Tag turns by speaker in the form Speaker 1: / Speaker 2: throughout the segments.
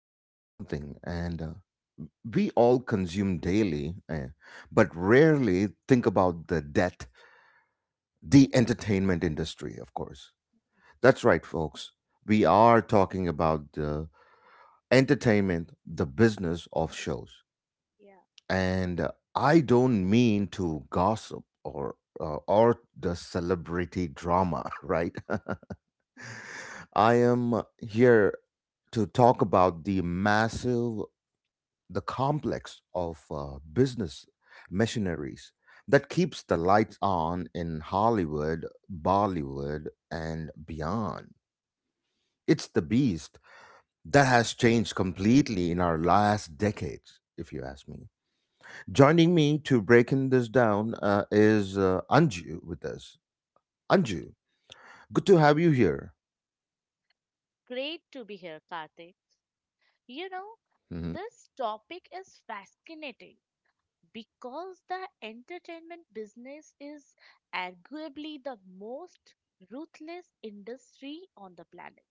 Speaker 1: on something, and we all consume daily, but rarely think about the death, the entertainment industry, of course. That's right, folks. We are talking about the business of shows.
Speaker 2: Yeah.
Speaker 1: And I don't mean to gossip or the celebrity drama, right? I am here to talk about the complex of business machineries that keeps the lights on in Hollywood, Bollywood, and beyond. It's the beast that has changed completely in our last decades, if you ask me. Joining me to breaking this down is Anju with us. Anju, good to have you here.
Speaker 2: Great to be here, Karthik. You know,
Speaker 1: Hmm.
Speaker 2: this topic is fascinating because the entertainment business is arguably the most ruthless industry on the planet.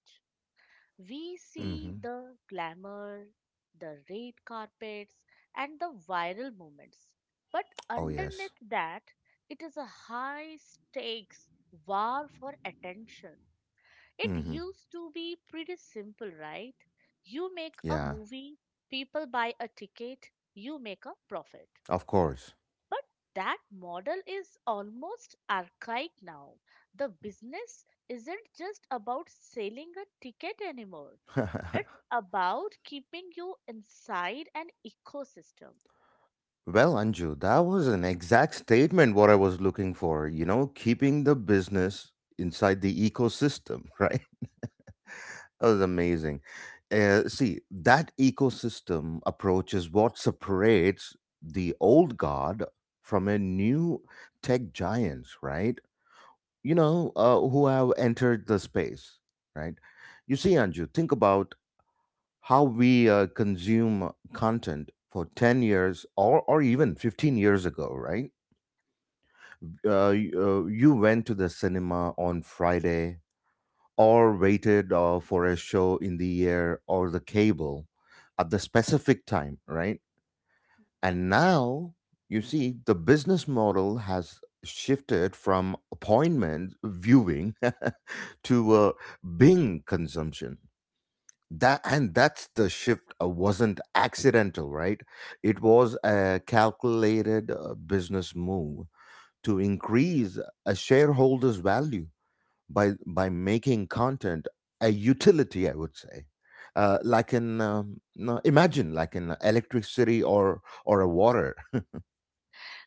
Speaker 2: We see
Speaker 1: Hmm.
Speaker 2: the glamour, the red carpets, and the viral moments. But
Speaker 1: Oh, yes.
Speaker 2: underneath that, it is a high stakes war for attention. It
Speaker 1: Hmm.
Speaker 2: used to be pretty simple, right? You make a
Speaker 1: Yeah,
Speaker 2: movie, people buy a ticket, you make a profit.
Speaker 1: of course.
Speaker 2: But that model is almost archaic now. The business isn't just about selling a ticket anymore.
Speaker 1: Well,
Speaker 2: It's about keeping you inside an ecosystem.
Speaker 1: Anju, that was an exact statement what I was looking for, you know, keeping the business inside the ecosystem, right? That was amazing. See, that ecosystem approach is what separates the old guard from a new tech giants, right? You know, who have entered the space, right? You see, Anju, think about how we consume content for 10 years or even 15 years ago, right? You went to the cinema on Friday or waited for a show in the air or the cable at the specific time, right? And now, you see, the business model has shifted from appointment viewing to Bing consumption. That's the shift wasn't accidental, right? It was a calculated business move to increase a shareholder's value by making content a utility, I would say. Like in no, imagine like in electricity or a water.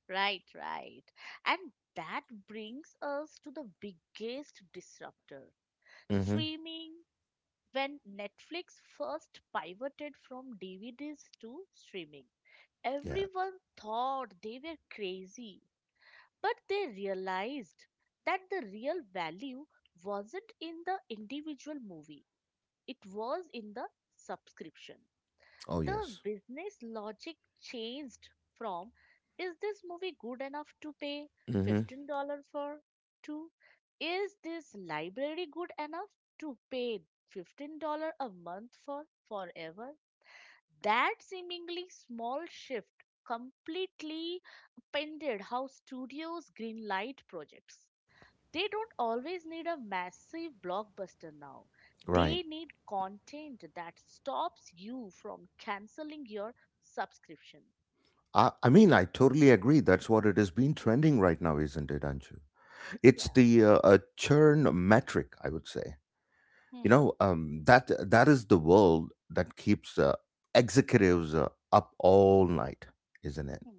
Speaker 2: Right, right. And that brings us to the biggest disruptor,
Speaker 1: Mm-hmm.
Speaker 2: streaming. When Netflix first pivoted from DVDs to streaming,
Speaker 1: Yeah.
Speaker 2: everyone thought they were crazy, but they realized that the real value wasn't in the individual movie, it was in the subscription.
Speaker 1: Oh,
Speaker 2: The
Speaker 1: yes.
Speaker 2: business logic changed from, is this movie good enough to pay
Speaker 1: Hmm.
Speaker 2: $15 for, to, is this library good enough to pay $15 a month for forever? That seemingly small shift completely upended how studios greenlight projects. They don't always need a massive blockbuster now. They
Speaker 1: Right.
Speaker 2: need content that stops you from canceling your subscription.
Speaker 1: I mean, I totally agree. That's what it has been trending right now, isn't it, Anshu?
Speaker 2: Yeah.
Speaker 1: It's the churn metric, I would say. You
Speaker 2: Hmm.
Speaker 1: know, that that is the world that keeps executives up all night, isn't it?
Speaker 2: Hmm.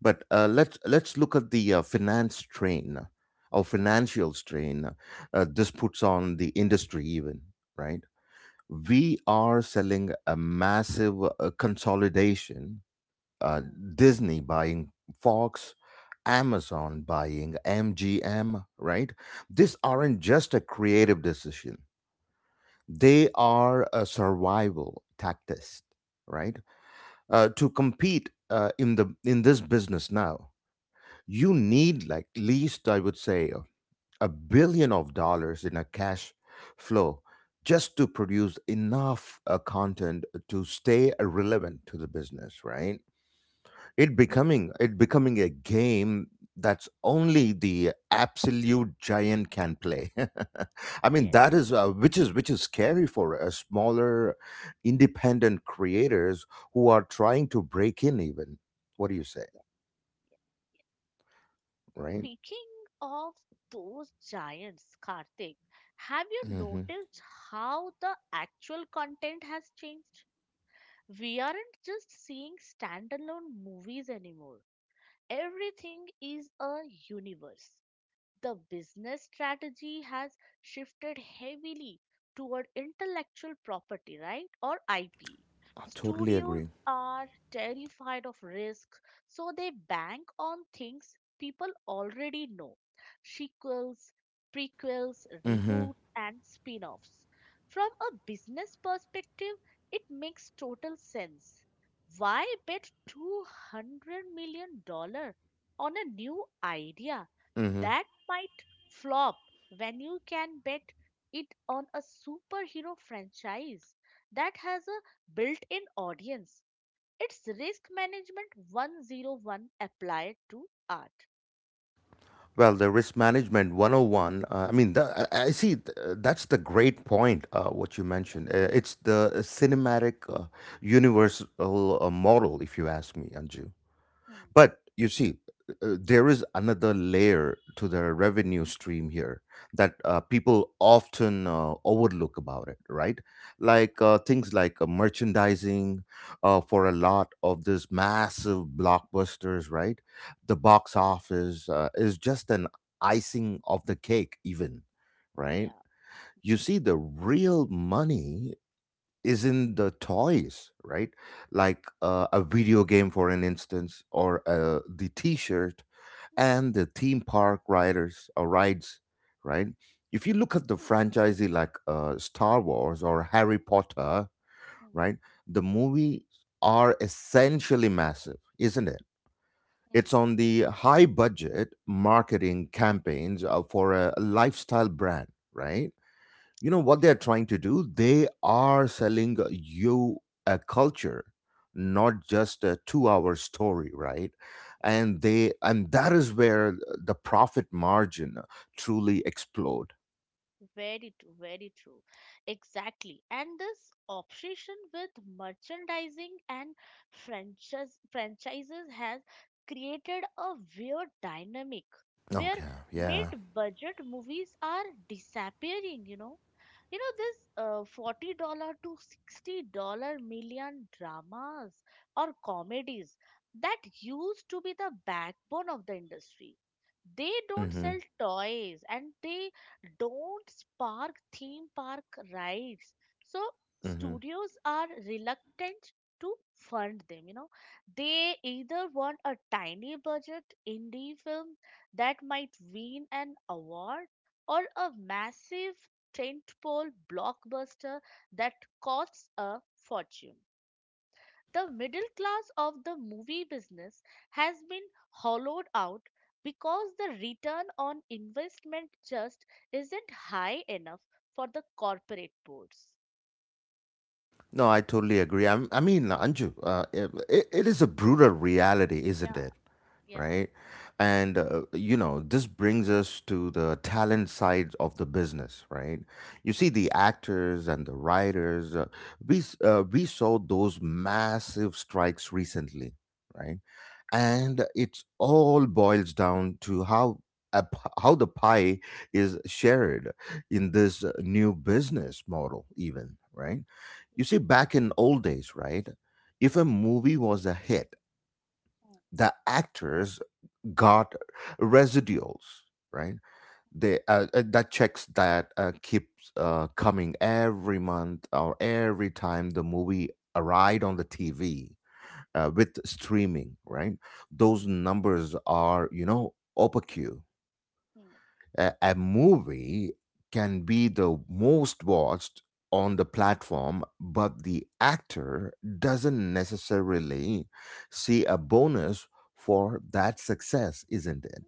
Speaker 1: But let's look at the finance strain or
Speaker 2: Hmm.
Speaker 1: financial strain this puts on the industry, even right?
Speaker 2: Hmm.
Speaker 1: We are selling a massive consolidation. Uh,
Speaker 2: Hmm.
Speaker 1: Disney buying Fox, Amazon buying MGM, right? These
Speaker 2: Hmm.
Speaker 1: aren't just a creative decision, they are a survival tactics, right? To compete in this business now, you need like least I would say a billion of dollars in a cash flow just to produce enough content to stay relevant to the business, right? It becoming a game that's only the absolute giant can play. I mean
Speaker 2: Yes.
Speaker 1: that is which is scary for a smaller independent creators who are trying to break in even, what do you say, right?
Speaker 2: Speaking of those giants, Karthik, have you
Speaker 1: Mm-hmm.
Speaker 2: noticed how the actual content has changed? We aren't just seeing standalone movies anymore. Everything is a universe. The business strategy has shifted heavily toward intellectual property, right, or IP.
Speaker 1: I totally
Speaker 2: Studios
Speaker 1: agree.
Speaker 2: are terrified of risk, so they bank on things people already know: sequels, prequels,
Speaker 1: Mm-hmm.
Speaker 2: reboots, and spin offs. From a business perspective, it makes total sense. Why bet $200 million dollars on a new idea
Speaker 1: Mm-hmm.
Speaker 2: that might flop when you can bet it on a superhero franchise that has a built in audience. It's risk management 101 applied to art.
Speaker 1: Well, the risk management 101, I mean, the, I see that's the great point, what you mentioned. It's the cinematic universal model, if you ask me, Anju.
Speaker 2: Yeah. Mm,
Speaker 1: But you see, there is another layer to the revenue stream here that people often overlook about it, right? Like things like merchandising for a lot of these massive blockbusters, right? The box office is just an icing of the cake, even, right?
Speaker 2: yeah.
Speaker 1: You see, the real money is in the toys, right? Like a video game, for an instance, or the T-shirt and the theme park riders or rides, right? If you look at the franchisee like Star Wars or Harry Potter,
Speaker 2: Mm,
Speaker 1: right? The movies are essentially massive, isn't it?
Speaker 2: mm.
Speaker 1: It's on the high budget
Speaker 2: True.
Speaker 1: marketing campaigns for a lifestyle brand, right? You know
Speaker 2: Yeah.
Speaker 1: what
Speaker 2: True.
Speaker 1: they're trying to do, they are selling you a culture, not just a 2 hour story, right?
Speaker 2: Yes.
Speaker 1: And that is where the profit margin truly explode.
Speaker 2: Very true, very true. Exactly. And this obsession with merchandising and franchises has created a weird dynamic where
Speaker 1: Okay, yeah.
Speaker 2: mid-budget movies are disappearing, you know. This $40 to 60 million million dramas or comedies that used to be the backbone of the industry, they don't
Speaker 1: Mm-hmm.
Speaker 2: sell toys and they don't spark theme park rides. So
Speaker 1: Mm-hmm.
Speaker 2: studios are reluctant to fund them, you know. They either want a tiny budget indie film that might win an award or a massive tentpole blockbuster that costs a fortune. The middle class of the movie business has been hollowed out because the return on investment just isn't high enough for the corporate boards.
Speaker 1: No, I totally agree. I mean, Anju, it is a brutal reality, isn't
Speaker 2: Yeah,
Speaker 1: it?
Speaker 2: yeah.
Speaker 1: Right? And you know, this brings us to the talent side of the business, right? You see, the actors and the writers, we saw those massive strikes recently, right? And it all boils down to how how the pie is shared in this new business model, even, right? You see, back in old days, right? If a movie was a hit, the actors got residuals, right? they That checks that keeps coming every month or every time the movie arrived on the TV with streaming, right? Those numbers are, you know, opaque.
Speaker 2: Hmm.
Speaker 1: A movie can be the most watched on the platform, but the actor doesn't necessarily see a bonus for that success, isn't it?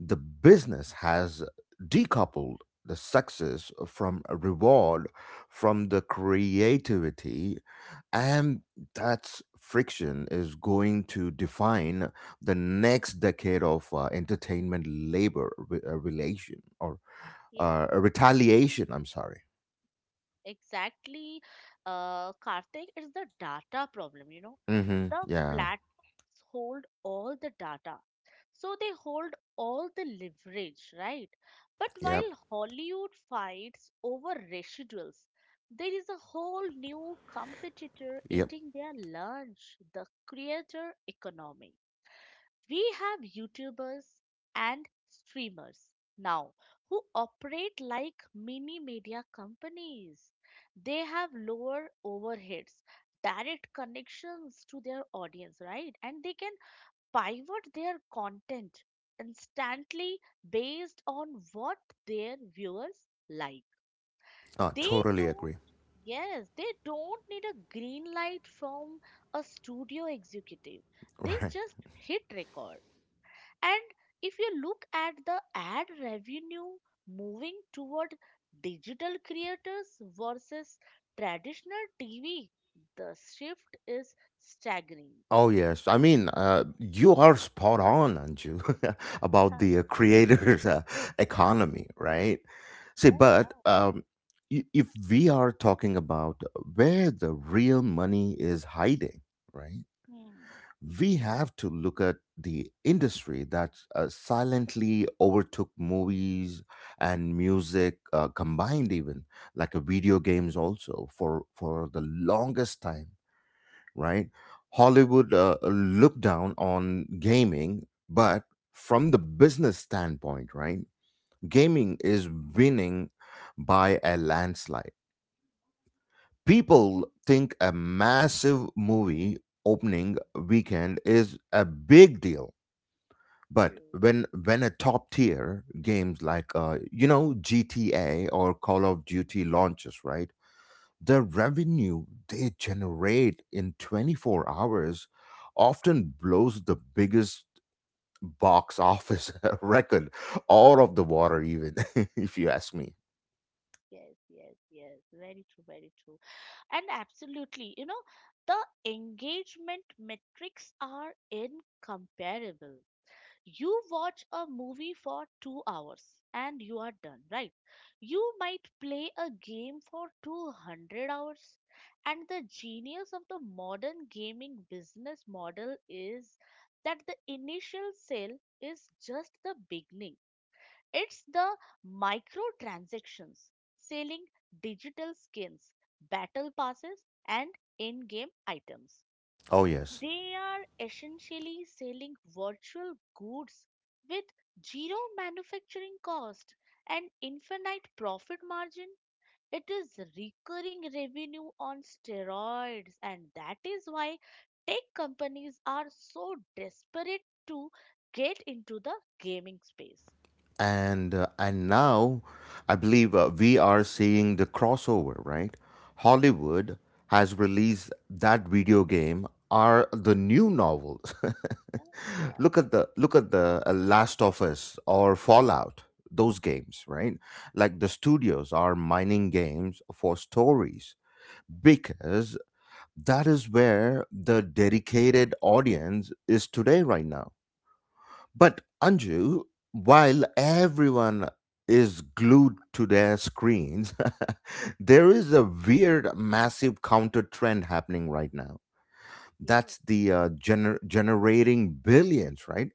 Speaker 1: The business has decoupled the success from a reward from the creativity, and that friction is going to define the next decade of entertainment labor relation or retaliation, I'm sorry.
Speaker 2: Exactly. Karthik, it's the data problem, you know.
Speaker 1: Hmm,
Speaker 2: The
Speaker 1: yeah.
Speaker 2: platforms hold all the data, so they hold all the leverage, right? But
Speaker 1: Yep.
Speaker 2: while Hollywood fights over residuals, there is a whole new competitor
Speaker 1: Yep.
Speaker 2: eating their lunch, the creator economy. We have YouTubers and streamers now who operate like mini media companies. They have lower overheads, direct connections to their audience, right? And they can pivot their content instantly based on what their viewers like.
Speaker 1: I
Speaker 2: They
Speaker 1: totally agree.
Speaker 2: don't Yes, they don't need a green light from a studio executive. They
Speaker 1: Right.
Speaker 2: just hit record. And if you look at the ad revenue moving toward digital creators versus traditional TV, the shift is staggering.
Speaker 1: Oh yes, I mean, you are spot on, Anju, about
Speaker 2: Yeah,
Speaker 1: the
Speaker 2: yeah,
Speaker 1: creators' economy,
Speaker 2: yes.
Speaker 1: right? See,
Speaker 2: Oh, yeah.
Speaker 1: but if we are talking about where the real money is hiding, right?
Speaker 2: Hmm.
Speaker 1: We have to look at the industry that silently overtook movies and music combined, even like video games, also for the longest time, right? Hollywood looked down on gaming, but from the business standpoint, right? Gaming is winning by a landslide. People think a massive movie opening weekend is a big deal. But
Speaker 2: True.
Speaker 1: when a top tier games like you know, GTA or Call of Duty launches, right? The revenue they generate in 24 hours often blows the biggest box office record out of the water, even. If you ask me.
Speaker 2: Yes, yes, yes. Very true, very true. And absolutely, you know, the engagement metrics are incomparable. You watch a movie for 2 hours and you are done, right? You might play a game for 200 hours. And the genius of the modern gaming business model is that the initial sale is just the beginning. It's the microtransactions, selling digital skins, battle passes, and in game items.
Speaker 1: Oh, yes.
Speaker 2: They are essentially selling virtual goods with zero manufacturing cost and infinite profit margin. It is recurring revenue on steroids, and that is why tech companies are so desperate to get into the gaming space.
Speaker 1: And and now I believe we are seeing the crossover, right? Hollywood has released that video game are the new novels.
Speaker 2: Yeah,
Speaker 1: Look
Speaker 2: yeah,
Speaker 1: at the last of us or fallout, those games, right? Like the studios are mining games for stories because that is where the dedicated audience is today right now. But Anju, while everyone is glued to their screens, there is a weird, massive counter trend happening right now.
Speaker 2: yeah.
Speaker 1: That's the generating billions, right?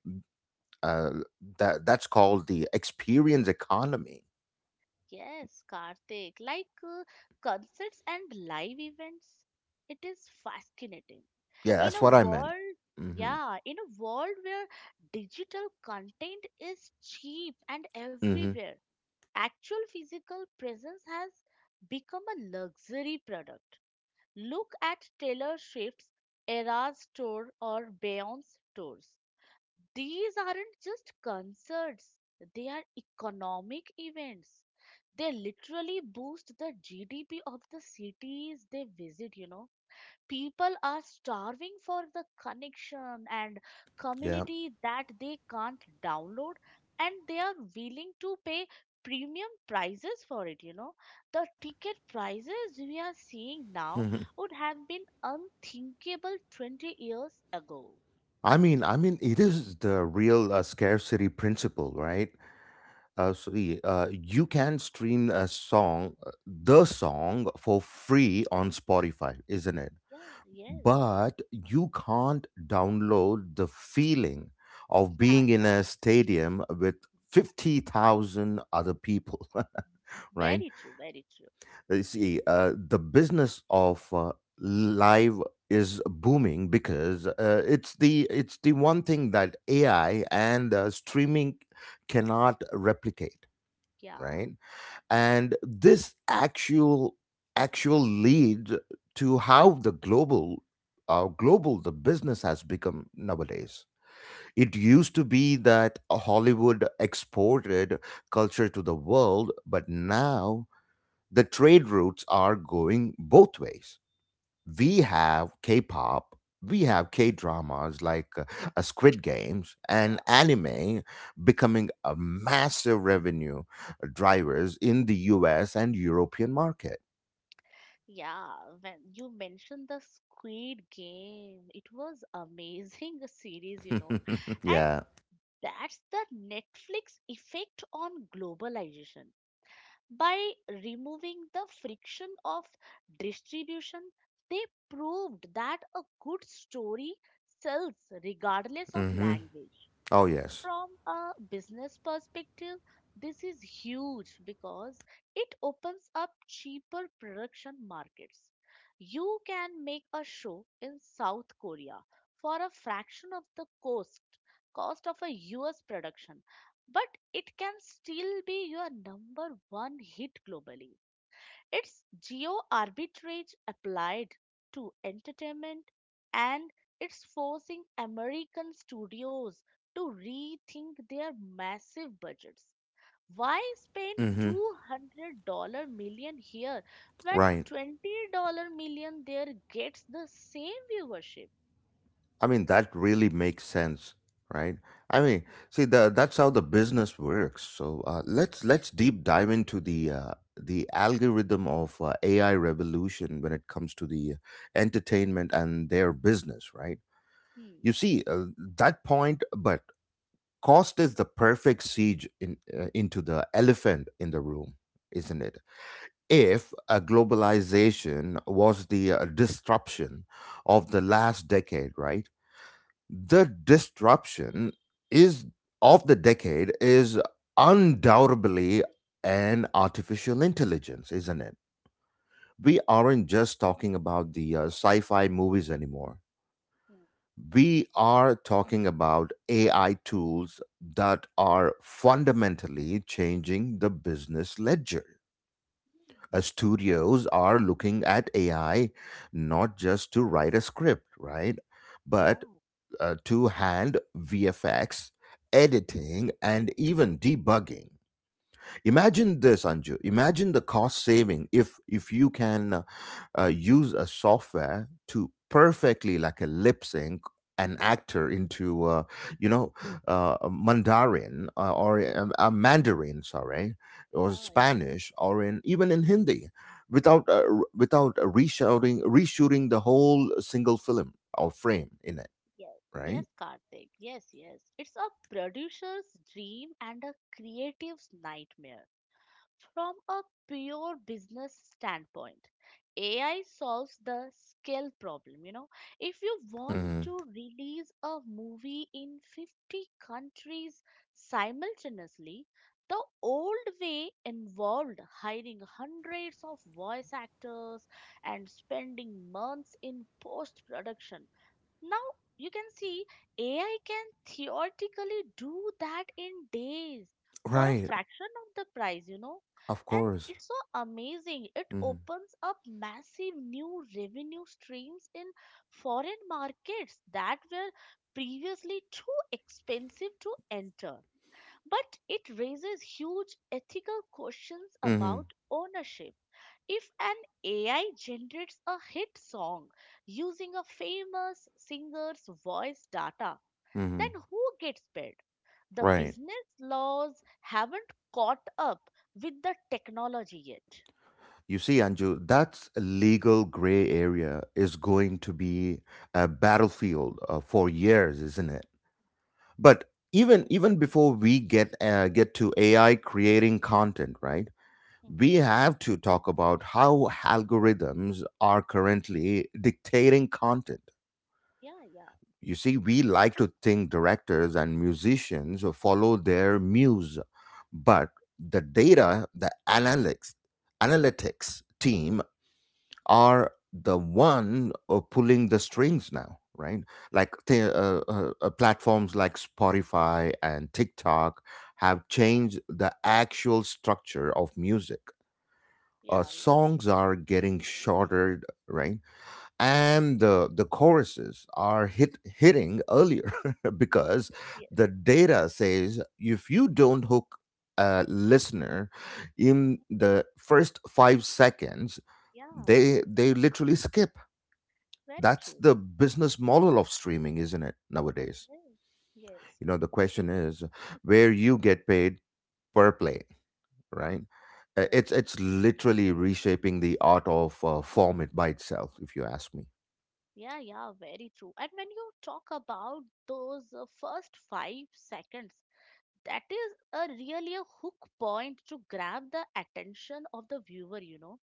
Speaker 1: Uh, that's called the experience economy.
Speaker 2: Yes, Karthik, concerts and live events, it is fascinating.
Speaker 1: Yeah,
Speaker 2: In
Speaker 1: that's
Speaker 2: a
Speaker 1: what I meant.
Speaker 2: world,
Speaker 1: Hmm.
Speaker 2: yeah, in a world where digital content is cheap and
Speaker 1: Hmm.
Speaker 2: everywhere, actual physical presence has become a luxury product. Look at Taylor Swift's Eras tour or Beyond's tours. These aren't just concerts, they are economic events. They literally boost the GDP of the cities they visit, you know. People are starving for the connection and
Speaker 1: Yeah.
Speaker 2: community that they can't download, and they are willing to pay premium prices for it, you know. The ticket prices we are seeing now would have been unthinkable 20 years ago.
Speaker 1: I mean, it is the real scarcity principle, right? You can stream a song for free on Spotify, isn't it?
Speaker 2: Yeah, yes,
Speaker 1: But you can't download the feeling of
Speaker 2: yeah,
Speaker 1: being in
Speaker 2: yeah.
Speaker 1: a stadium with 50,000 other people, right?
Speaker 2: Very true, very true.
Speaker 1: You see, the business of live is booming because it's the one thing that AI and streaming cannot replicate,
Speaker 2: Yeah.
Speaker 1: right?
Speaker 2: Hmm.
Speaker 1: And this actual lead to how the global the business has become nowadays. It used to be that Hollywood exported culture to the world, but now the trade routes are going both ways. We
Speaker 2: Hmm.
Speaker 1: have K-pop, we have K-dramas like Squid Games and
Speaker 2: Wow.
Speaker 1: anime becoming a massive revenue drivers in the U.S. and European market.
Speaker 2: Yeah, when you mentioned the Squid Game, it was amazing series, you know, and
Speaker 1: Yeah.
Speaker 2: that's the Netflix effect on globalization. By removing the friction of distribution, they proved that a good story sells regardless of
Speaker 1: Hmm.
Speaker 2: language.
Speaker 1: Oh yes.
Speaker 2: From a business perspective, this is huge because it opens up cheaper production markets. You can make a show in South Korea for a fraction of the cost of a US production, but it can still be your number one hit globally. It's geo arbitrage applied to entertainment, and it's forcing American studios to rethink their massive budgets. Why spend
Speaker 1: Hmm.
Speaker 2: 2 million dollar million here when
Speaker 1: Right.
Speaker 2: 20 million million there gets the same viewership?
Speaker 1: I mean, that really makes sense, right? I mean,
Speaker 2: Yeah.
Speaker 1: see, that's how the business works. So let's deep dive into the algorithm of AI revolution when it comes to the entertainment and their business, right?
Speaker 2: Hmm.
Speaker 1: You see, that point, but cost is the perfect siege in, into the elephant in the room, isn't it? If globalization was the disruption of the last decade, right? the disruption is Of the decade is undoubtedly an artificial intelligence, isn't it? We aren't just talking about the sci-fi movies anymore.
Speaker 2: Yeah.
Speaker 1: We are talking about AI tools that are fundamentally changing the business ledger.
Speaker 2: Mm.
Speaker 1: Studios are looking at AI not just to write a script, right?
Speaker 2: Yeah,
Speaker 1: But two hand VFX, editing, and even debugging.
Speaker 2: yeah,
Speaker 1: Imagine this, Anju. Imagine the cost saving if you can use a software to perfectly, like a lip sync, an actor into, you know, a Mandarin, sorry, or
Speaker 2: yeah, yeah.
Speaker 1: Spanish, or in even in Hindi, without without reshooting the whole single film or frame in it,
Speaker 2: Yes,
Speaker 1: right?
Speaker 2: yes, Karthik. Yes, yes. It's a producer's dream and a creative's nightmare. From a pure business standpoint, AI solves the scale problem. You know, if you want to release a movie in 50 countries simultaneously, the old way involved hiring hundreds of voice actors and spending months in post production. Now, you can see AI can theoretically do that in days for a
Speaker 1: Right,
Speaker 2: fraction of the price, you know.
Speaker 1: of
Speaker 2: And
Speaker 1: course.
Speaker 2: it's so amazing. It
Speaker 1: Mhm.
Speaker 2: opens up massive new revenue streams in foreign markets that were previously too expensive to enter. But it raises huge ethical questions
Speaker 1: Mhm.
Speaker 2: about ownership. If an AI generates a hit song using a famous singer's voice data, then
Speaker 1: Mhm.
Speaker 2: who gets paid? The
Speaker 1: Right.
Speaker 2: business laws haven't caught up with the technology yet.
Speaker 1: You see, Anju, that legal gray area is going to be a battlefield for years, isn't it? But even before we get to AI creating content, right?
Speaker 2: Mm,
Speaker 1: We have to talk about how algorithms are currently dictating content.
Speaker 2: yeah, yeah,
Speaker 1: You see, we like to think directors and musicians follow their muse, but the analytics, analytics team
Speaker 2: mm,
Speaker 1: are the one pulling the strings now, right? Platforms like Spotify and TikTok have
Speaker 2: yeah,
Speaker 1: changed the actual structure of music.
Speaker 2: yeah, yeah,
Speaker 1: Songs are getting shorter, right? And the choruses are hitting earlier because
Speaker 2: yes, yes,
Speaker 1: the data says if you don't hook a listener in the first 5 seconds,
Speaker 2: yeah,
Speaker 1: they literally skip.
Speaker 2: very
Speaker 1: That's
Speaker 2: true.
Speaker 1: the business model of streaming, isn't it nowadays?
Speaker 2: Yes, yes,
Speaker 1: You know, the
Speaker 2: yes,
Speaker 1: question is where you get paid per play, right? It's
Speaker 2: yes.
Speaker 1: it's literally reshaping the art of form it by itself, if you ask me.
Speaker 2: Yeah, yeah, very true. And when you talk about those first 5 seconds, that is a really a hook point to grab the attention of the viewer, you know.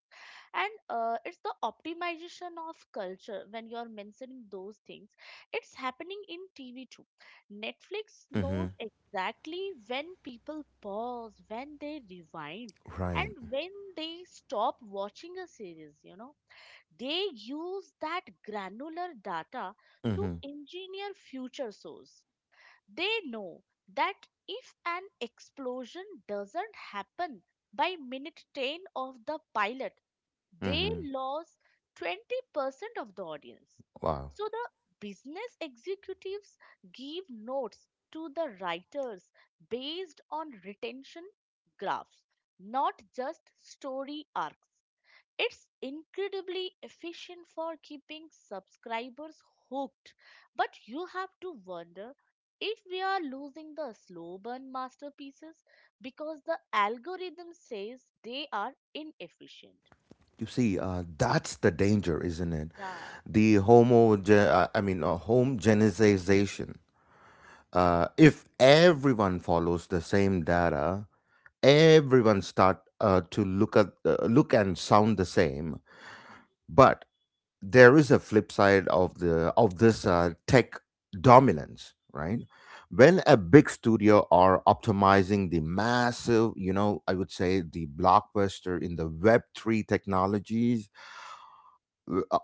Speaker 2: And it's the optimization of culture when you're mentioning those things. It's happening in TV too. Netflix
Speaker 1: Hmm.
Speaker 2: knows exactly when people pause, when they rewind,
Speaker 1: Right.
Speaker 2: and when they stop watching a series, you know. They use that granular data to
Speaker 1: Hmm.
Speaker 2: engineer future shows. They know that if an explosion doesn't happen by minute 10 of the pilot, they
Speaker 1: Hmm.
Speaker 2: lose 20% of the audience.
Speaker 1: Wow.
Speaker 2: So the business executives give notes to the writers based on retention graphs, not just story arcs. It's incredibly efficient for keeping subscribers hooked, but you have to wonder if we are losing the slow burn masterpieces because the algorithm says they are inefficient.
Speaker 1: You see, that's the danger, isn't it?
Speaker 2: Yeah,
Speaker 1: The homogenization.
Speaker 2: yeah.
Speaker 1: If everyone follows the same data, everyone start to look at look and sound the same.
Speaker 2: Mm,
Speaker 1: But there is a flip side of the of this tech dominance, right? When a big studio are optimizing the massive, you know, I would say the blockbuster in the Web three technologies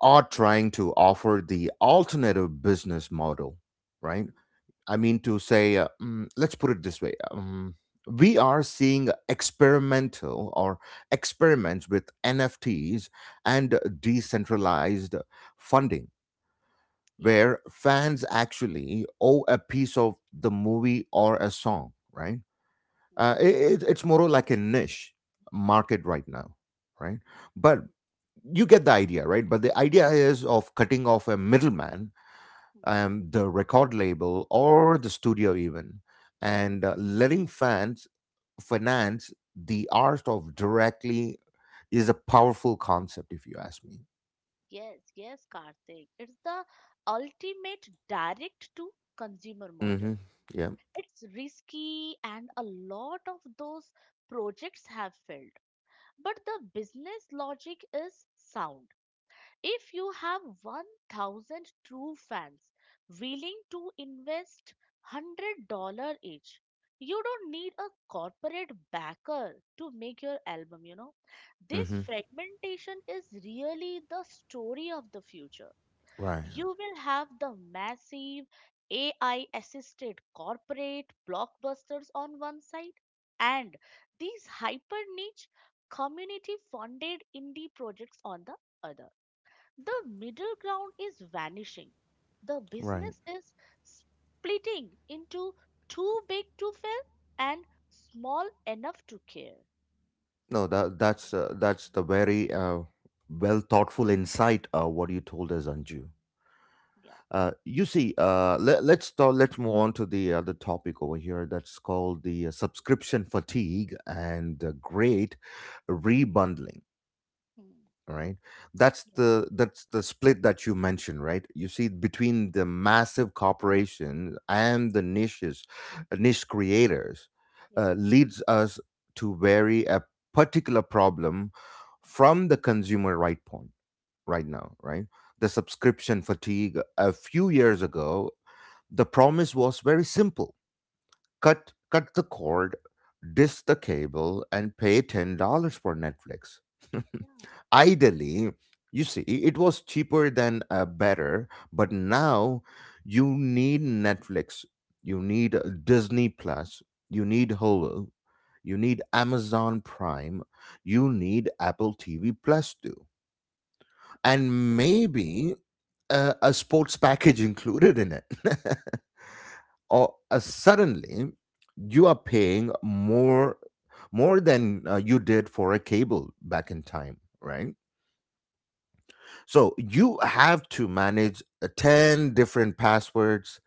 Speaker 1: are trying to offer the alternative business model, right?
Speaker 2: mm,
Speaker 1: I mean, to say, let's put it this way. We are seeing experimental or experiments with NFTs
Speaker 2: mm,
Speaker 1: and decentralized funding
Speaker 2: yeah.
Speaker 1: where fans actually owe a piece of the movie or a song, right?
Speaker 2: Mm,
Speaker 1: It's more like a niche
Speaker 2: mm,
Speaker 1: market right now, right? But you get the idea, right? But the idea is of cutting off a middleman,
Speaker 2: mm, mm.
Speaker 1: the record label or the studio even, and letting fans finance the art of directly is a powerful concept, if you ask me.
Speaker 2: Yes, yes, Karthik. It's the ultimate direct to consumer
Speaker 1: Mm-hmm.
Speaker 2: model.
Speaker 1: Yeah.
Speaker 2: It's risky, and a lot of those projects have failed. But the business logic is sound. If you have 1000 true fans willing to invest $100 each, you don't need a corporate backer to make your album, you know. This
Speaker 1: Mm-hmm.
Speaker 2: fragmentation is really the story of the future.
Speaker 1: Right.
Speaker 2: You will have the massive AI assisted corporate blockbusters on one side and these hyper niche community funded indie projects on the other. The middle ground is vanishing. The
Speaker 1: Right.
Speaker 2: business is splitting into too big to fail and small enough to care.
Speaker 1: No, that's that's the very well thoughtful insight what you told us, Anju.
Speaker 2: Yeah.
Speaker 1: You see, let's talk, let's move on to the other topic over here that's called the subscription fatigue and the great rebundling.
Speaker 2: Hmm.
Speaker 1: Right, that's
Speaker 2: Yeah.
Speaker 1: the split that you mentioned, right? You see between the massive corporations and the niches, niche creators,
Speaker 2: Yeah.
Speaker 1: leads us to vary a particular problem from the consumer right point right now, right? The subscription fatigue a few years ago, the promise was very simple. Cut the cord, dish the cable, and pay $10 for Netflix. Ideally, you see, it was cheaper than better, but now you need Netflix, you need Disney Plus, you need Hulu, you need Amazon Prime, you need Apple TV Plus too, and maybe a sports package included in it. Or suddenly you are paying more than you did for a cable back in time, right? So you have to manage 10 different passwords.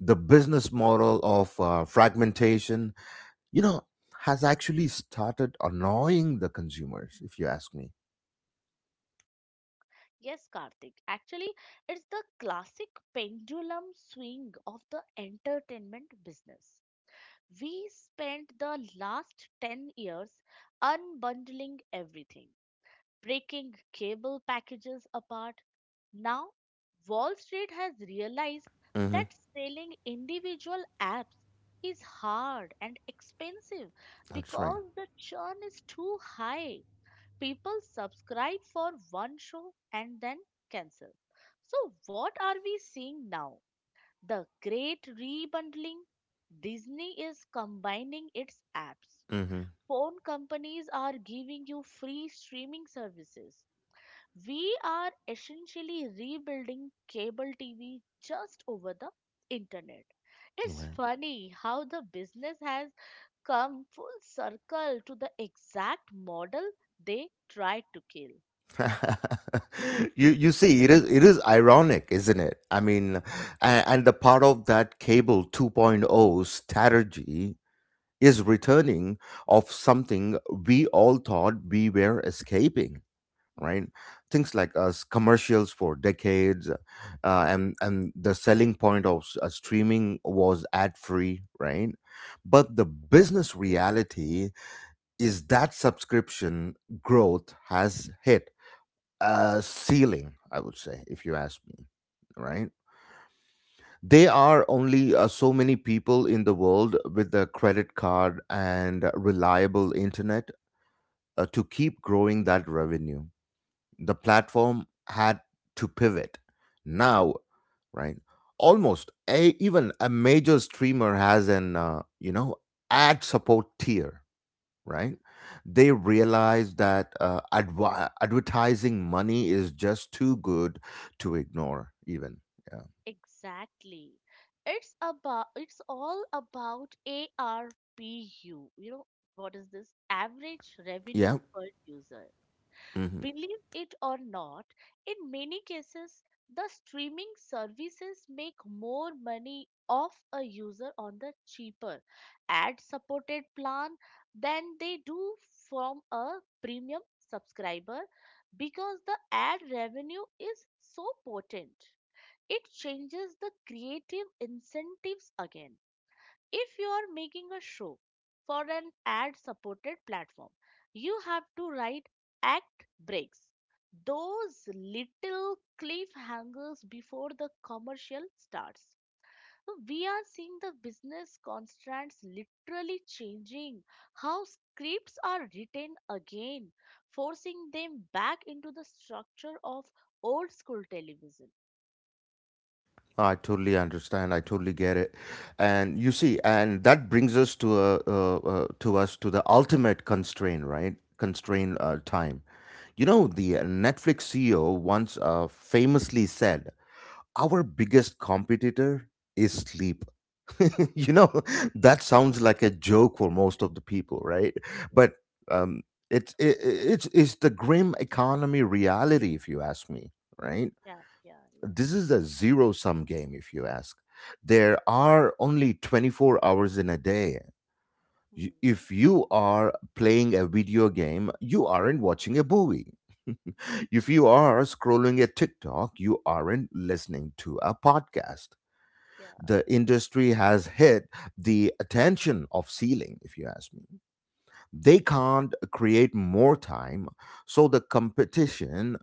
Speaker 1: The business model of fragmentation, you know, has actually started annoying the consumers, if you ask me.
Speaker 2: Yes, Karthik. Actually, it's the classic pendulum swing of the entertainment business. We spent the last 10 years unbundling everything, breaking cable packages apart. Now, Wall Street has realized
Speaker 1: Hmm.
Speaker 2: that selling individual apps is hard and expensive
Speaker 1: That's right.
Speaker 2: because the churn is too high. People subscribe for one show and then cancel. So, what are we seeing now? The great rebundling. Disney is combining its apps.
Speaker 1: Hmm.
Speaker 2: Phone companies are giving you free streaming services. We are essentially rebuilding cable TV just over the internet. It's
Speaker 1: Right.
Speaker 2: funny how the business has come full circle to the exact model they tried to kill.
Speaker 1: You see, it is ironic, isn't it? I mean,
Speaker 2: Yeah.
Speaker 1: and the part of that cable 2.0 strategy is
Speaker 2: Hmm,
Speaker 1: returning of something we all thought we were escaping,
Speaker 2: hmm,
Speaker 1: right? Things like us commercials for decades, and the selling point of streaming was ad free, right? But the business reality is that subscription growth has hit ceiling, I would say, if you ask me,
Speaker 2: hmm,
Speaker 1: right? There are only so many people in the world with a credit card and reliable internet to keep growing that revenue. The platform had to pivot. Now, right? Almost a, even a major streamer has an you know ad support tier, right?
Speaker 2: hmm.
Speaker 1: They realize that advertising money is just too good to ignore, even. Yeah.
Speaker 2: Exactly. It's all about ARPU. You know, what is this? Average revenue
Speaker 1: Yeah.
Speaker 2: per user.
Speaker 1: Hmm.
Speaker 2: Believe it or not, in many cases, the streaming services make more money off a user on the cheaper ad supported plan than they do from a premium subscriber because the ad revenue is so potent. It changes the creative incentives again. If you are making a show for an ad supported platform, you have to write act breaks, those little cliffhangers before the commercial starts. We are seeing the business constraints literally changing how scripts are written again, forcing them back into the structure of old school television.
Speaker 1: I totally understand. I totally get it. And you see, and that brings us to a, to us to the ultimate constraint, right? Constraint time. You know, the Netflix CEO once famously said, "Our biggest competitor is sleep." You know,
Speaker 2: Yeah,
Speaker 1: that sounds like a joke for most of the people, right?
Speaker 2: yeah,
Speaker 1: But um it's it, it's the grim economy reality, if you ask me, right?
Speaker 2: yeah, yeah, yeah.
Speaker 1: This is a zero sum game, if you ask. There are only 24 hours in a day.
Speaker 2: Hmm.
Speaker 1: If you are playing a video game, you aren't watching a movie.
Speaker 2: Hmm.
Speaker 1: If you are scrolling a TikTok, you aren't listening to a podcast.
Speaker 2: Yeah,
Speaker 1: The industry has hit the attention of ceiling, if you ask me. They can't create more time, so the competition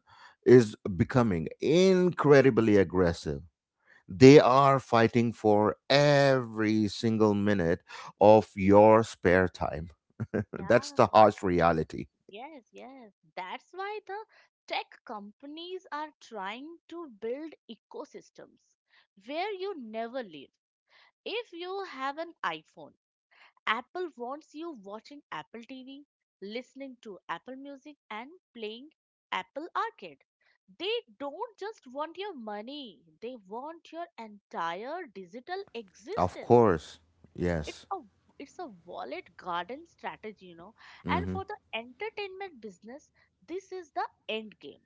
Speaker 1: is becoming incredibly aggressive. They are fighting for every single minute of your spare time. That's
Speaker 2: yeah.
Speaker 1: the harsh reality.
Speaker 2: Yes, yes. That's why the tech companies are trying to build ecosystems where you never leave. If you have an iPhone, Apple wants you watching Apple TV, listening to Apple Music, and playing Apple Arcade. They don't just want your money, they want your entire digital
Speaker 1: Of
Speaker 2: existence.
Speaker 1: course.
Speaker 2: it's
Speaker 1: Yes.
Speaker 2: a it's a wallet garden strategy. And
Speaker 1: Hmm.
Speaker 2: for the entertainment business, this is the end game.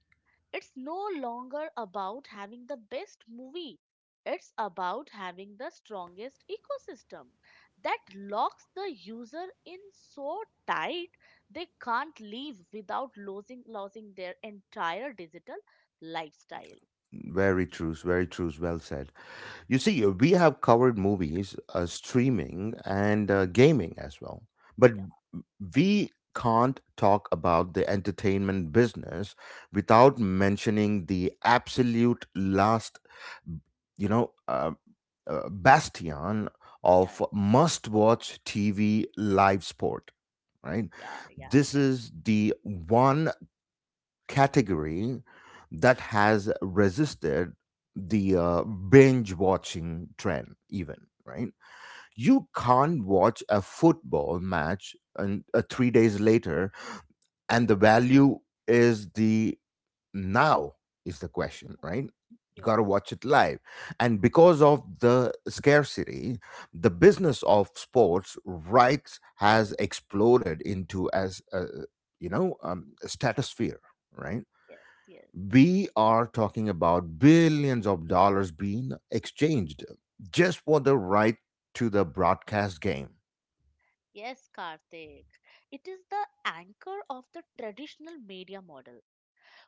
Speaker 2: It's no longer about having the best movie, it's about having the strongest ecosystem that locks the user in so tight they can't leave without losing their entire digital lifestyle.
Speaker 1: Very true, very true, well said. You see, we have covered movies, streaming, and gaming as well. But
Speaker 2: Yeah,
Speaker 1: we can't talk about the entertainment business without mentioning the absolute last, you know, uh, bastion
Speaker 2: yeah,
Speaker 1: of must watch TV, live sport, right?
Speaker 2: yeah, yeah,
Speaker 1: This
Speaker 2: yeah.
Speaker 1: is the one category that has resisted the binge watching trend, even, right? You can't watch a football match and 3 days later, and the value is the now is the question, right? You got to
Speaker 2: Yes,
Speaker 1: watch it live, and because of the scarcity, the business of sports rights has exploded into as a, a stratosphere, right?
Speaker 2: yes, yes.
Speaker 1: We are talking about billions of dollars being exchanged just for the right to the broadcast game.
Speaker 2: Yes, Karthik. It is the anchor of the traditional media model.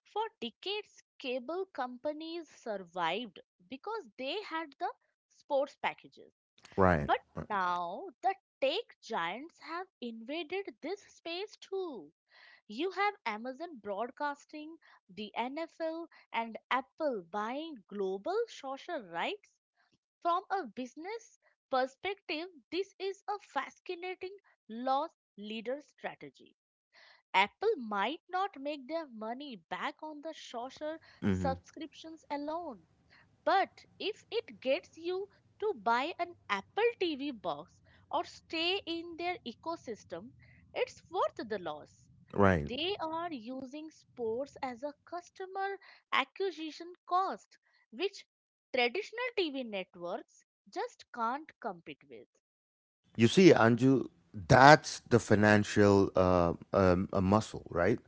Speaker 2: For decades, cable companies survived because they had the sports packages.
Speaker 1: Right.
Speaker 2: But now, the tech giants have invaded this space too. You have Amazon broadcasting the NFL, and Apple buying global social rights. From a business perspective, this is a fascinating loss leader strategy. Apple might not make their money back on the Saucer
Speaker 1: Mm-hmm.
Speaker 2: subscriptions alone, but if it gets you to buy an Apple TV box or stay in their ecosystem, it's worth the loss.
Speaker 1: Right.
Speaker 2: They are using sports as a customer acquisition cost, which traditional TV networks just can't compete with.
Speaker 1: You see, Anju, that's the financial a muscle, right?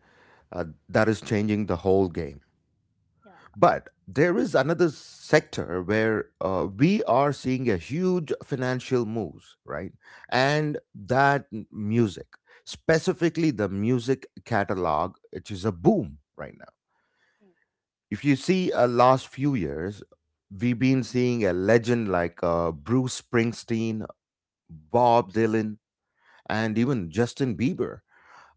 Speaker 1: That is changing the whole game.
Speaker 2: Yeah,
Speaker 1: But there is another sector where we are seeing a huge financial moves, right? And music, specifically the music catalog, which is a boom right now. If you see a last few years, we've been seeing a legend like Bruce Springsteen, Bob Dylan, and even Justin Bieber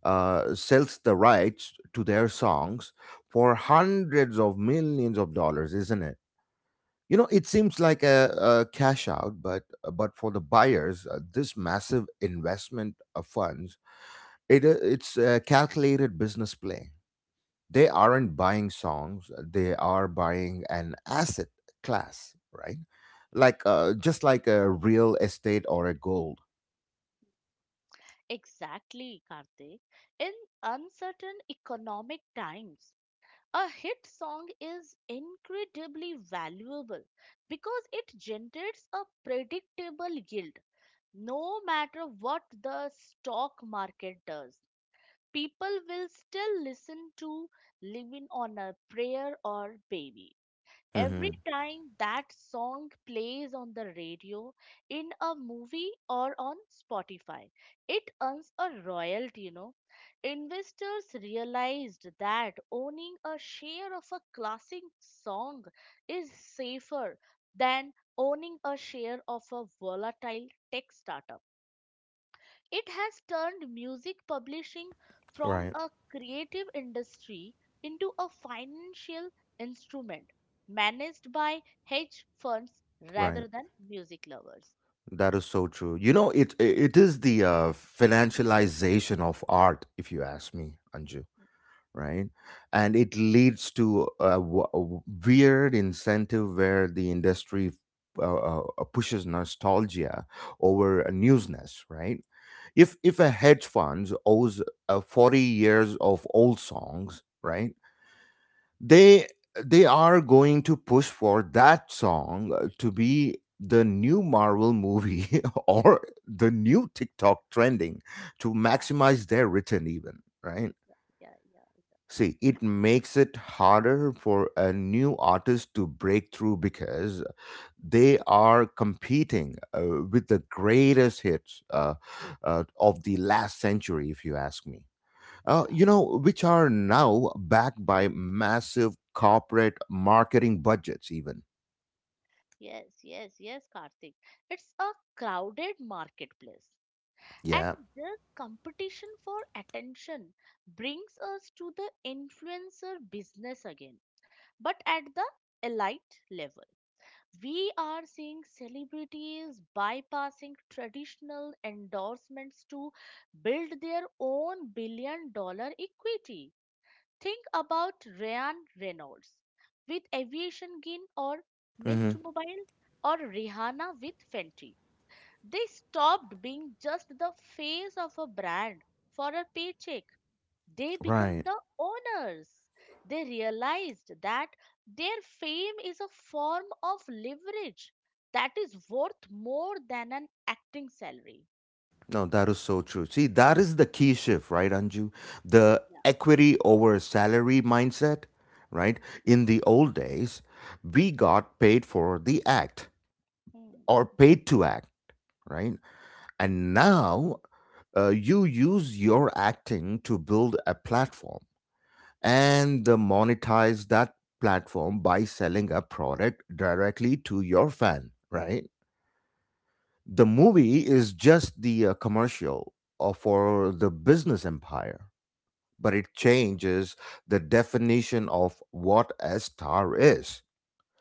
Speaker 1: sells the rights to their songs for hundreds of millions of dollars, isn't it? You know, it seems like a cash out, but for the buyers, this massive investment of funds, it's a calculated business play. They aren't buying songs; they are buying an asset class, right? Like just like a real estate or a gold.
Speaker 2: exactly, Karthik. In uncertain economic times, a hit song is incredibly valuable because it generates a predictable yield. No matter what the stock market does, people will still listen to Living on a Prayer or Baby. Every
Speaker 1: Hmm.
Speaker 2: time that song plays on the radio, in a movie, or on Spotify, it earns a royalty, you know. Investors realized that owning a share of a classic song is safer than owning a share of a volatile tech startup. It has turned music publishing from
Speaker 1: Right.
Speaker 2: a creative industry into a financial instrument managed by hedge funds
Speaker 1: Right.
Speaker 2: rather than music lovers.
Speaker 1: That is so true. You know, it is the financialization of art, if you ask me, Anju. Right, and it leads to a, weird incentive where the industry pushes nostalgia over newsness. Right, if a hedge fund owes 40 years of old songs, right? they they are going to push for that song to be the new marvel movie or the new tiktok trending to
Speaker 2: Yeah,
Speaker 1: maximize their return even, right?
Speaker 2: yeah, yeah, yeah,
Speaker 1: See, it makes it harder for a new artist to break through because they are competing with the greatest hits of the last century, if you ask me,
Speaker 2: yeah.
Speaker 1: you know, which are now backed by massive corporate marketing budgets, even.
Speaker 2: Yeah. Yes, yes, yes, Karthik. It's a crowded marketplace. And
Speaker 1: Yeah.
Speaker 2: this competition for attention brings us to the influencer business again, but at the elite level. We are seeing celebrities bypassing traditional endorsements to build their own billion dollar equity. Think about Ryan Reynolds with Aviation Gin or Mint
Speaker 1: Hmm.
Speaker 2: Mobile or Rihanna with Fenty. They stopped being just the face of a brand for a paycheck, they become
Speaker 1: Right.
Speaker 2: the owners. They realized that their fame is a form of leverage that is worth more than an acting salary.
Speaker 1: No, that is so true. See, that is the key shift, right, Anju? The
Speaker 2: Yeah.
Speaker 1: equity over salary mindset, right? In the old days, we got paid for the act
Speaker 2: Hmm.
Speaker 1: or paid to act, right? And now you use your acting to build a platform
Speaker 2: Yeah.
Speaker 1: and the monetize that platform by selling a product directly to your fan, right? The movie is just the commercial for the business empire, but it changes the definition of what a star is,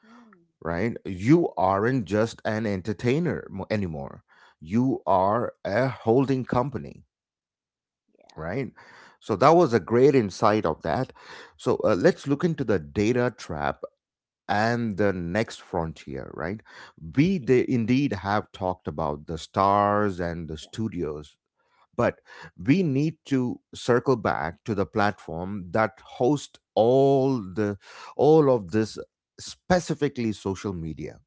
Speaker 2: Hmm.
Speaker 1: right? You aren't just an anymore, you are a holding company,
Speaker 2: Yeah.
Speaker 1: right? So that was a great insight of that. So let's look into the data trap
Speaker 2: Hmm.
Speaker 1: and the next frontier, right? We
Speaker 2: Yeah,
Speaker 1: indeed have talked about the stars and the
Speaker 2: yeah.
Speaker 1: studios, but we need to circle back to the platform that hosts all of this, specifically social media,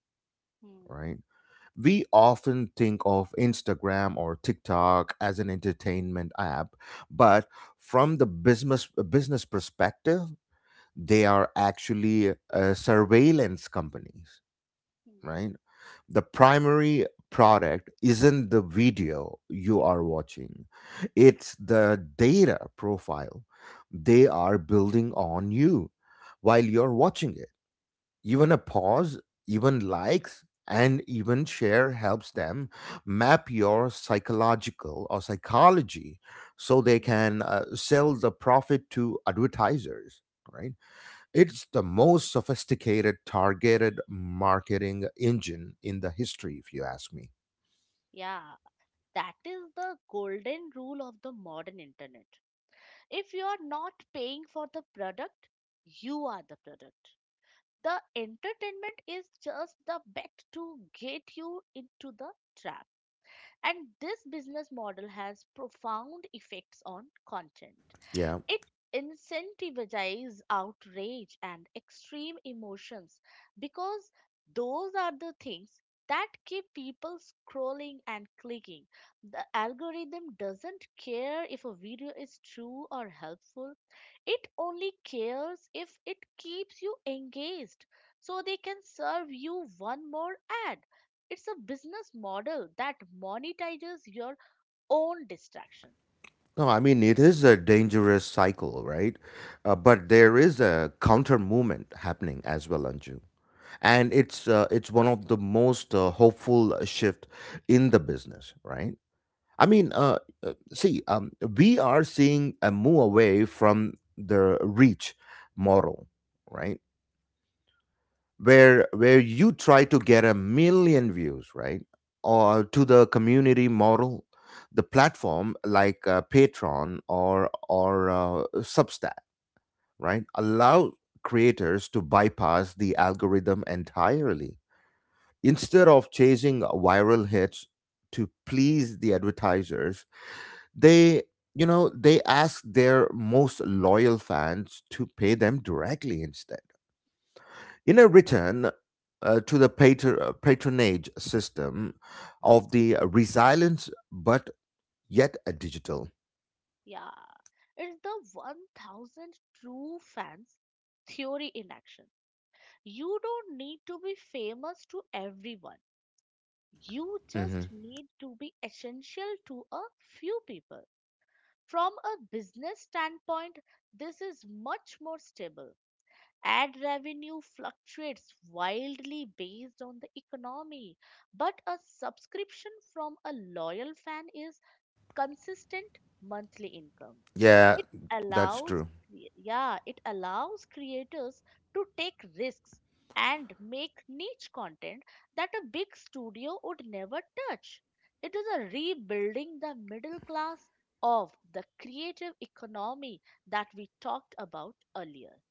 Speaker 2: Hmm.
Speaker 1: right? We often think of Instagram or TikTok as an entertainment app, but from the business perspective, they are actually surveillance companies,
Speaker 2: Hmm.
Speaker 1: right? The
Speaker 2: Yeah.
Speaker 1: primary product isn't the video you are watching, it's the data profile they are building on you while you're watching it. Even a pause, even likes, and even share helps them map your psychological or psychology so they
Speaker 2: Hmm.
Speaker 1: can sell the profit to advertisers, right? It's the most sophisticated targeted marketing engine in the history, if you ask me.
Speaker 2: Yeah, that is the golden rule of the modern internet. If you are not paying for the product, you are the product. The entertainment is just the bet to get you into the trap. And this business model has profound effects on content.
Speaker 1: Yeah.
Speaker 2: It incentivizes outrage and extreme emotions because those are the things that keep people scrolling and clicking. The algorithm doesn't care if a video is true or helpful, it only cares if it keeps you engaged so they can serve you one more ad. It's a business model that monetizes your own distraction.
Speaker 1: No, I mean, it is a dangerous cycle, right? But there is a counter movement happening as well, Anju,
Speaker 2: Hmm.
Speaker 1: and it's one of the most hopeful shift in the business, right? I mean see We are seeing a move away from the reach model, right? Where you try to get 1 million views, right?
Speaker 2: Yes.
Speaker 1: Or to the community model. The platform like patreon or substack, right, allow creators to bypass the algorithm entirely. Instead of chasing viral hits to please the advertisers, they, you know, they ask their most loyal fans to pay them directly instead. In a return to the patronage system of the resilience, but yet a digital.
Speaker 2: Yeah, it's the 1,000 true fans theory in action. You don't need to be famous to everyone. You
Speaker 1: Hmm.
Speaker 2: just need to be essential to a few people. From a business standpoint, this is much more stable. Ad revenue fluctuates wildly based on the economy, but a subscription from a loyal fan is consistent monthly income.
Speaker 1: Yeah,
Speaker 2: It
Speaker 1: that's
Speaker 2: allows,
Speaker 1: true.
Speaker 2: yeah, it allows creators to take risks and make niche content that a big studio would never touch. It is a rebuilding the middle class of the creative economy that we talked about earlier.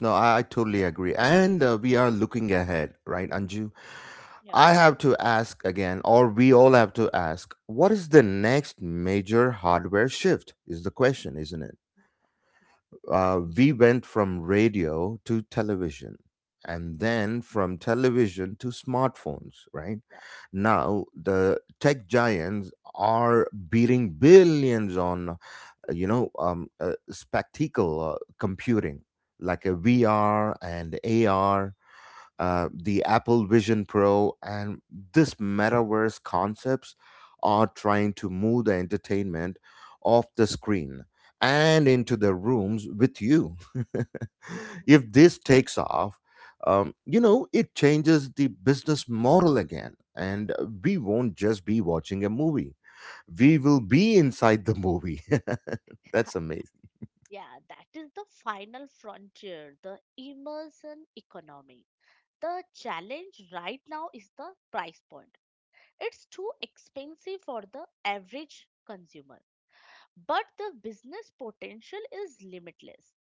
Speaker 1: No, I totally agree. And we are looking ahead, right, Anju?
Speaker 2: Yeah,
Speaker 1: I have to ask again, or we all have to ask, what is the next major hardware shift? Is the question, isn't it? We went from radio to television, and then from television to smartphones, right?
Speaker 2: yeah.
Speaker 1: Now, the tech giants are beating billions on spectacle computing like a VR and AR, the Apple Vision Pro, and this metaverse concepts are trying to move the entertainment off the screen and into the rooms with you. If this takes off, it changes the business model again. And we won't just be watching a movie, we will be inside the movie. That's amazing.
Speaker 2: Yeah, that is the final frontier, the immersion economy. The challenge right now is the price point. It's too expensive for the average consumer, but the business potential is limitless.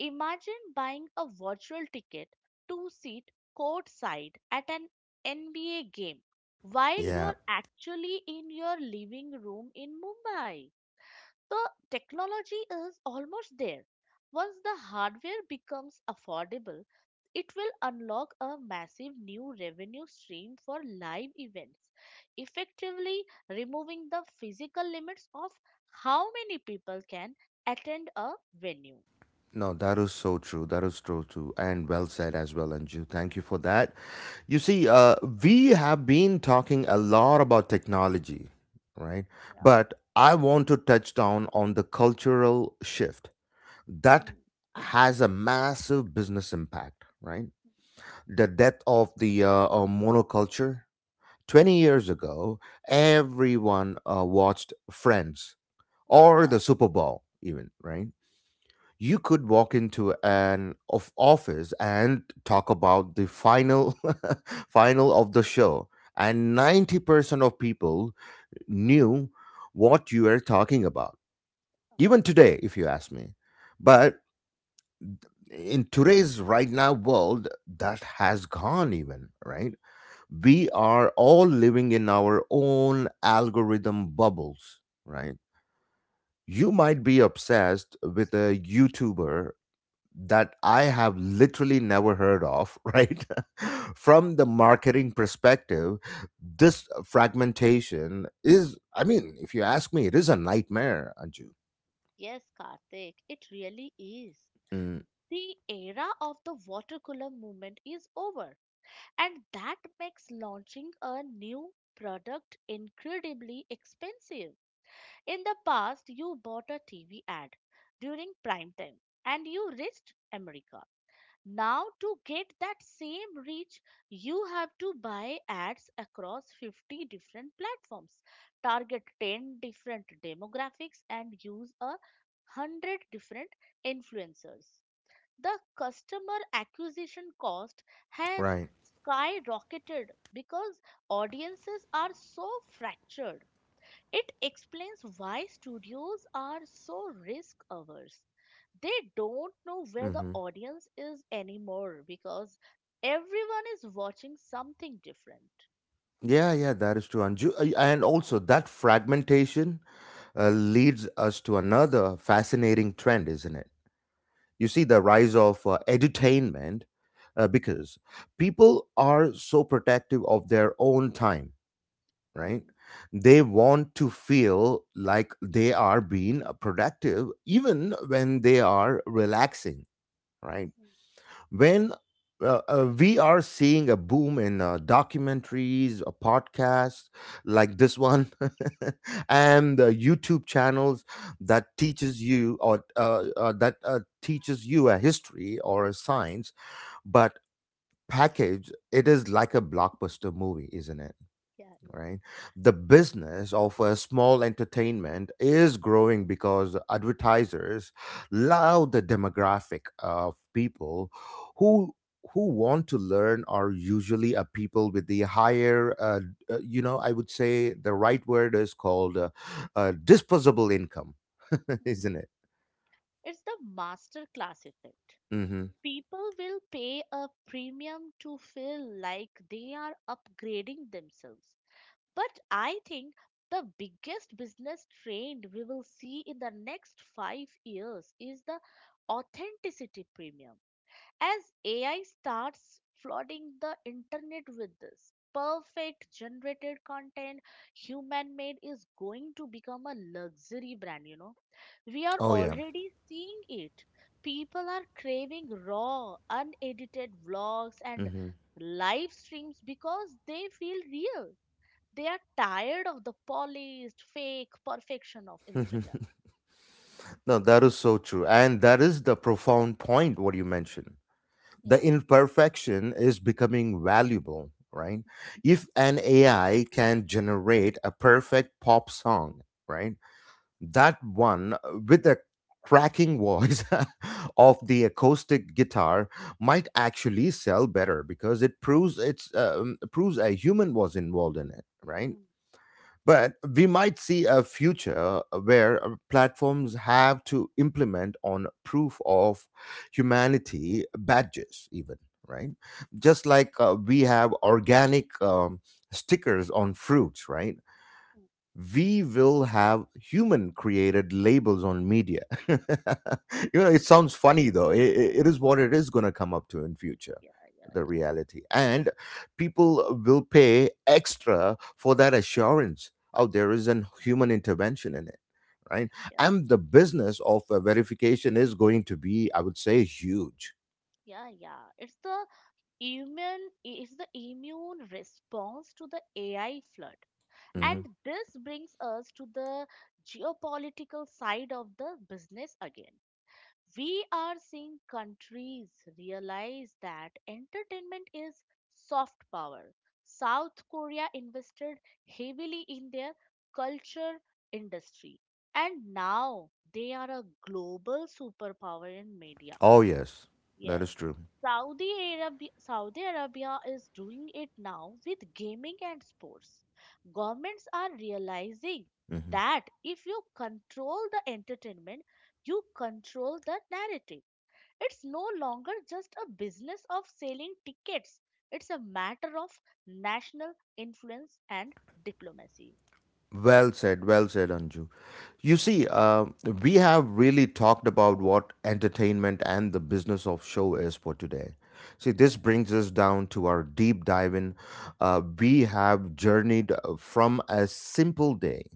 Speaker 2: Imagine buying a virtual ticket to sit courtside at an NBA game while
Speaker 1: Yeah.
Speaker 2: you're actually in your living room in Mumbai. The technology is almost there. Once the hardware becomes affordable, it will unlock a massive new revenue stream for live events, effectively removing the physical limits of how many people can attend a venue.
Speaker 1: No, that is so true. That is so true. And well said as well, Anju. Thank you for that. You see, uh, we have been talking a lot about technology, right?
Speaker 2: Yeah.
Speaker 1: But I want to touch down on the cultural shift that
Speaker 2: Hmm.
Speaker 1: has a massive business impact, right? The death of the monoculture. 20 years ago, everyone watched Friends or the
Speaker 2: Yeah,
Speaker 1: Super Bowl, even, right? You could walk into an of office and talk about the final final of the show, and 90% of people knew what you were talking about even today, if you ask me. But in today's right now world, that has gone even, right? We are all living in our own algorithm bubbles, right? You might be obsessed with a YouTuber that I have literally never heard of. Right? From the marketing perspective, this fragmentation is, I mean, if you ask me, it is a nightmare, Anju.
Speaker 2: yes, Karthik, it really is.
Speaker 1: Mm,
Speaker 2: The era of the water cooler movement is over. And that makes launching a new product incredibly expensive. In the past, you bought a TV ad during prime time and you reached America. Now, to get that same reach, you have to buy ads across 50 different platforms, target 10 different demographics, and use a 100 different influencers. The customer acquisition cost has
Speaker 1: right.
Speaker 2: skyrocketed because audiences are so fractured. It explains why studios are so risk averse. They don't know where the
Speaker 1: Hmm.
Speaker 2: audience is anymore because everyone is watching something different.
Speaker 1: Yeah, yeah, that is true, Anju. And also, that fragmentation leads us to another fascinating trend, isn't it? You see the
Speaker 2: Yeah.
Speaker 1: rise of edutainment, because people are so protective of their own time, right?
Speaker 2: Hmm.
Speaker 1: They want to feel like they are being productive even when they are relaxing, right? When We are seeing a boom in documentaries, a podcast like this one, and YouTube channels that teaches you or that teaches you a history or a science, but package it is like a blockbuster movie, isn't it?
Speaker 2: Yeah, yeah.
Speaker 1: Right? The business of a small entertainment is growing because advertisers love the demographic of people who who want to learn are usually a people with the higher I would say the right word is called disposable income.
Speaker 2: Hmm.
Speaker 1: Isn't it?
Speaker 2: It's the masterclass effect.
Speaker 1: Hmm.
Speaker 2: People will pay a premium to feel like they are upgrading themselves. But I think the biggest business trend we will see in the next 5 years is the authenticity premium. As AI starts flooding the internet with this perfect generated content, human made is going to become a luxury brand, you know. We are
Speaker 1: Oh yeah.
Speaker 2: already seeing it. People are craving raw, unedited vlogs and
Speaker 1: Hmm.
Speaker 2: live streams because they feel real. They are tired of the polished, fake perfection of Instagram.
Speaker 1: No, that is so true, and that is the profound point what you mentioned. The
Speaker 2: Yeah.
Speaker 1: imperfection is becoming valuable, right? If an AI can generate a perfect pop song, right? That one with a cracking voice of the acoustic guitar might actually sell better because it proves it's proves a human was involved in it, right?
Speaker 2: Mm.
Speaker 1: But we might see a future where platforms have to implement on proof of humanity badges, even, right? Just like we have organic stickers on fruits, right?
Speaker 2: Mm.
Speaker 1: We will have human created labels on media. you it sounds funny, though. It is what it is going to come up to in future,
Speaker 2: Yeah, yeah,
Speaker 1: the
Speaker 2: yeah,
Speaker 1: reality. And people will pay extra for that assurance. Oh, there is an human intervention in it, right?
Speaker 2: yeah,
Speaker 1: And the business of verification is going to be, I would say, huge.
Speaker 2: yeah, yeah. It's the immune response to the AI flood.
Speaker 1: Hmm.
Speaker 2: And this brings us to the geopolitical side of the business again. We are seeing countries realize that entertainment is soft power. South Korea invested heavily in their culture industry, and now they are a global superpower in media.
Speaker 1: Oh yes. That
Speaker 2: Yes.
Speaker 1: is true.
Speaker 2: Saudi Arabia, Saudi Arabia is doing it now with gaming and sports. Governments are realizing
Speaker 1: Hmm.
Speaker 2: that if you control the entertainment, you control the narrative. It's no longer just a business of selling tickets, it's a matter of national influence and diplomacy.
Speaker 1: Well said, Anju. You see, uh, we have really talked about what entertainment and the business of show is for today. See,
Speaker 2: Yeah.
Speaker 1: this brings us down to our deep dive in. We have journeyed from a simple day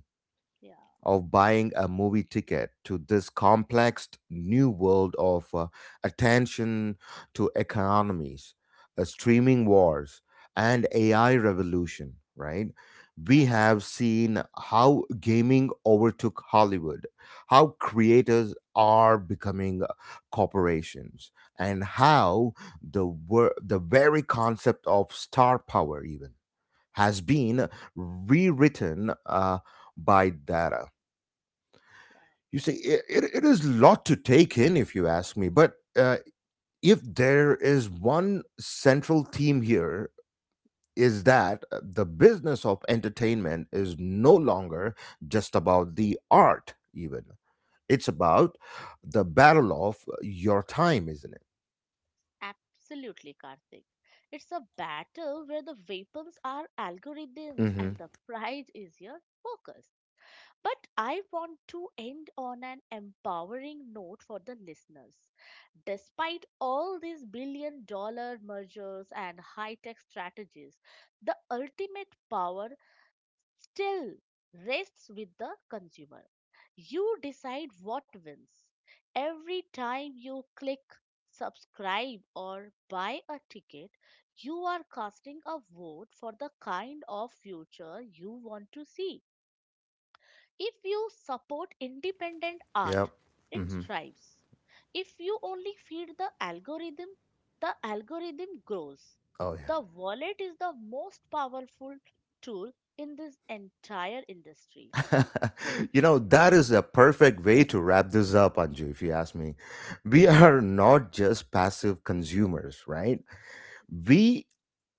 Speaker 2: Yeah,
Speaker 1: of buying a movie ticket to this complex new world of attention to economies, streaming wars, and AI revolution, right? We
Speaker 2: yeah,
Speaker 1: have seen how gaming overtook Hollywood, how creators are becoming corporations, and
Speaker 2: mm,
Speaker 1: how the very concept of star power, even, has been rewritten by data.
Speaker 2: yeah,
Speaker 1: It is a lot to take in, if you ask me. But if there is one central theme here, is that the business of entertainment is no longer just about the art, even. It's about the battle of your time, isn't it?
Speaker 2: absolutely, Karthik. It's a battle where the weapons are algorithms
Speaker 1: Mm-hmm.
Speaker 2: and the prize is your focus. But I want to end on an empowering note for the listeners. Despite all these billion dollar mergers and high tech strategies, the ultimate power still rests with the consumer. You decide what wins. Every time you click subscribe or buy a ticket, you are casting a vote for the kind of future you want to see. If you support independent art,
Speaker 1: Yep.
Speaker 2: it
Speaker 1: Mm-hmm.
Speaker 2: thrives. If you only feed the algorithm grows.
Speaker 1: Oh,
Speaker 2: The wallet is the most powerful tool in this entire industry.
Speaker 1: yeah. That is a perfect way to wrap this up, Anju, if you ask me. We
Speaker 2: Mm.
Speaker 1: are not just passive consumers, right? We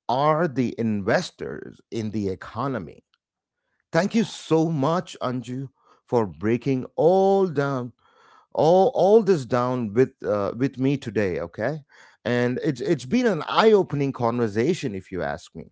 Speaker 1: are the investors in the economy. Thank you
Speaker 2: Yeah.
Speaker 1: so much, Anju, for breaking all down all this down with me today. Okay, and it's been an eye opening conversation, if you ask me.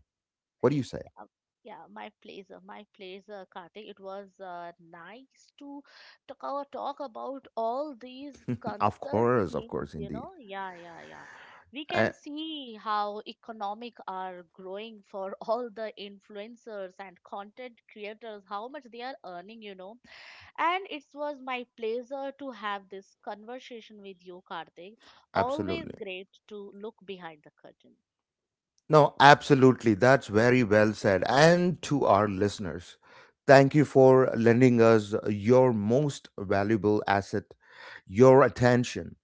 Speaker 1: What do you say?
Speaker 2: Uh, Yeah, my pleasure, Kartik. It was nice to talk, talk about all these concert
Speaker 1: Of
Speaker 2: things,
Speaker 1: course,
Speaker 2: you
Speaker 1: indeed,
Speaker 2: know. Yeah, yeah, yeah. We can
Speaker 1: A-
Speaker 2: see how economic are growing for all the influencers and content creators, how much they are earning, you know. And it was my pleasure to have this conversation with you, Kartik. Always
Speaker 1: absolutely.
Speaker 2: great to look behind the curtain.
Speaker 1: No, absolutely. That's very well said. And to our listeners, thank you for lending us your most valuable asset, your attention,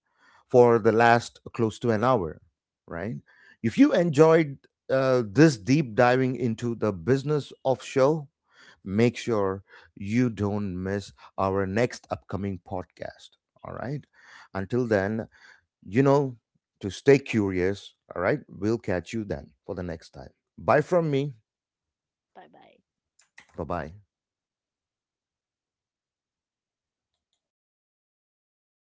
Speaker 1: for the last close to an hour, right? If you enjoyed this deep diving into the business of show, make sure you don't miss our next upcoming podcast. All
Speaker 2: Yeah,
Speaker 1: right. Until then, you know, to stay curious. All right. We'll catch you then for the next time. Bye from me.
Speaker 2: bye bye.
Speaker 1: Bye bye.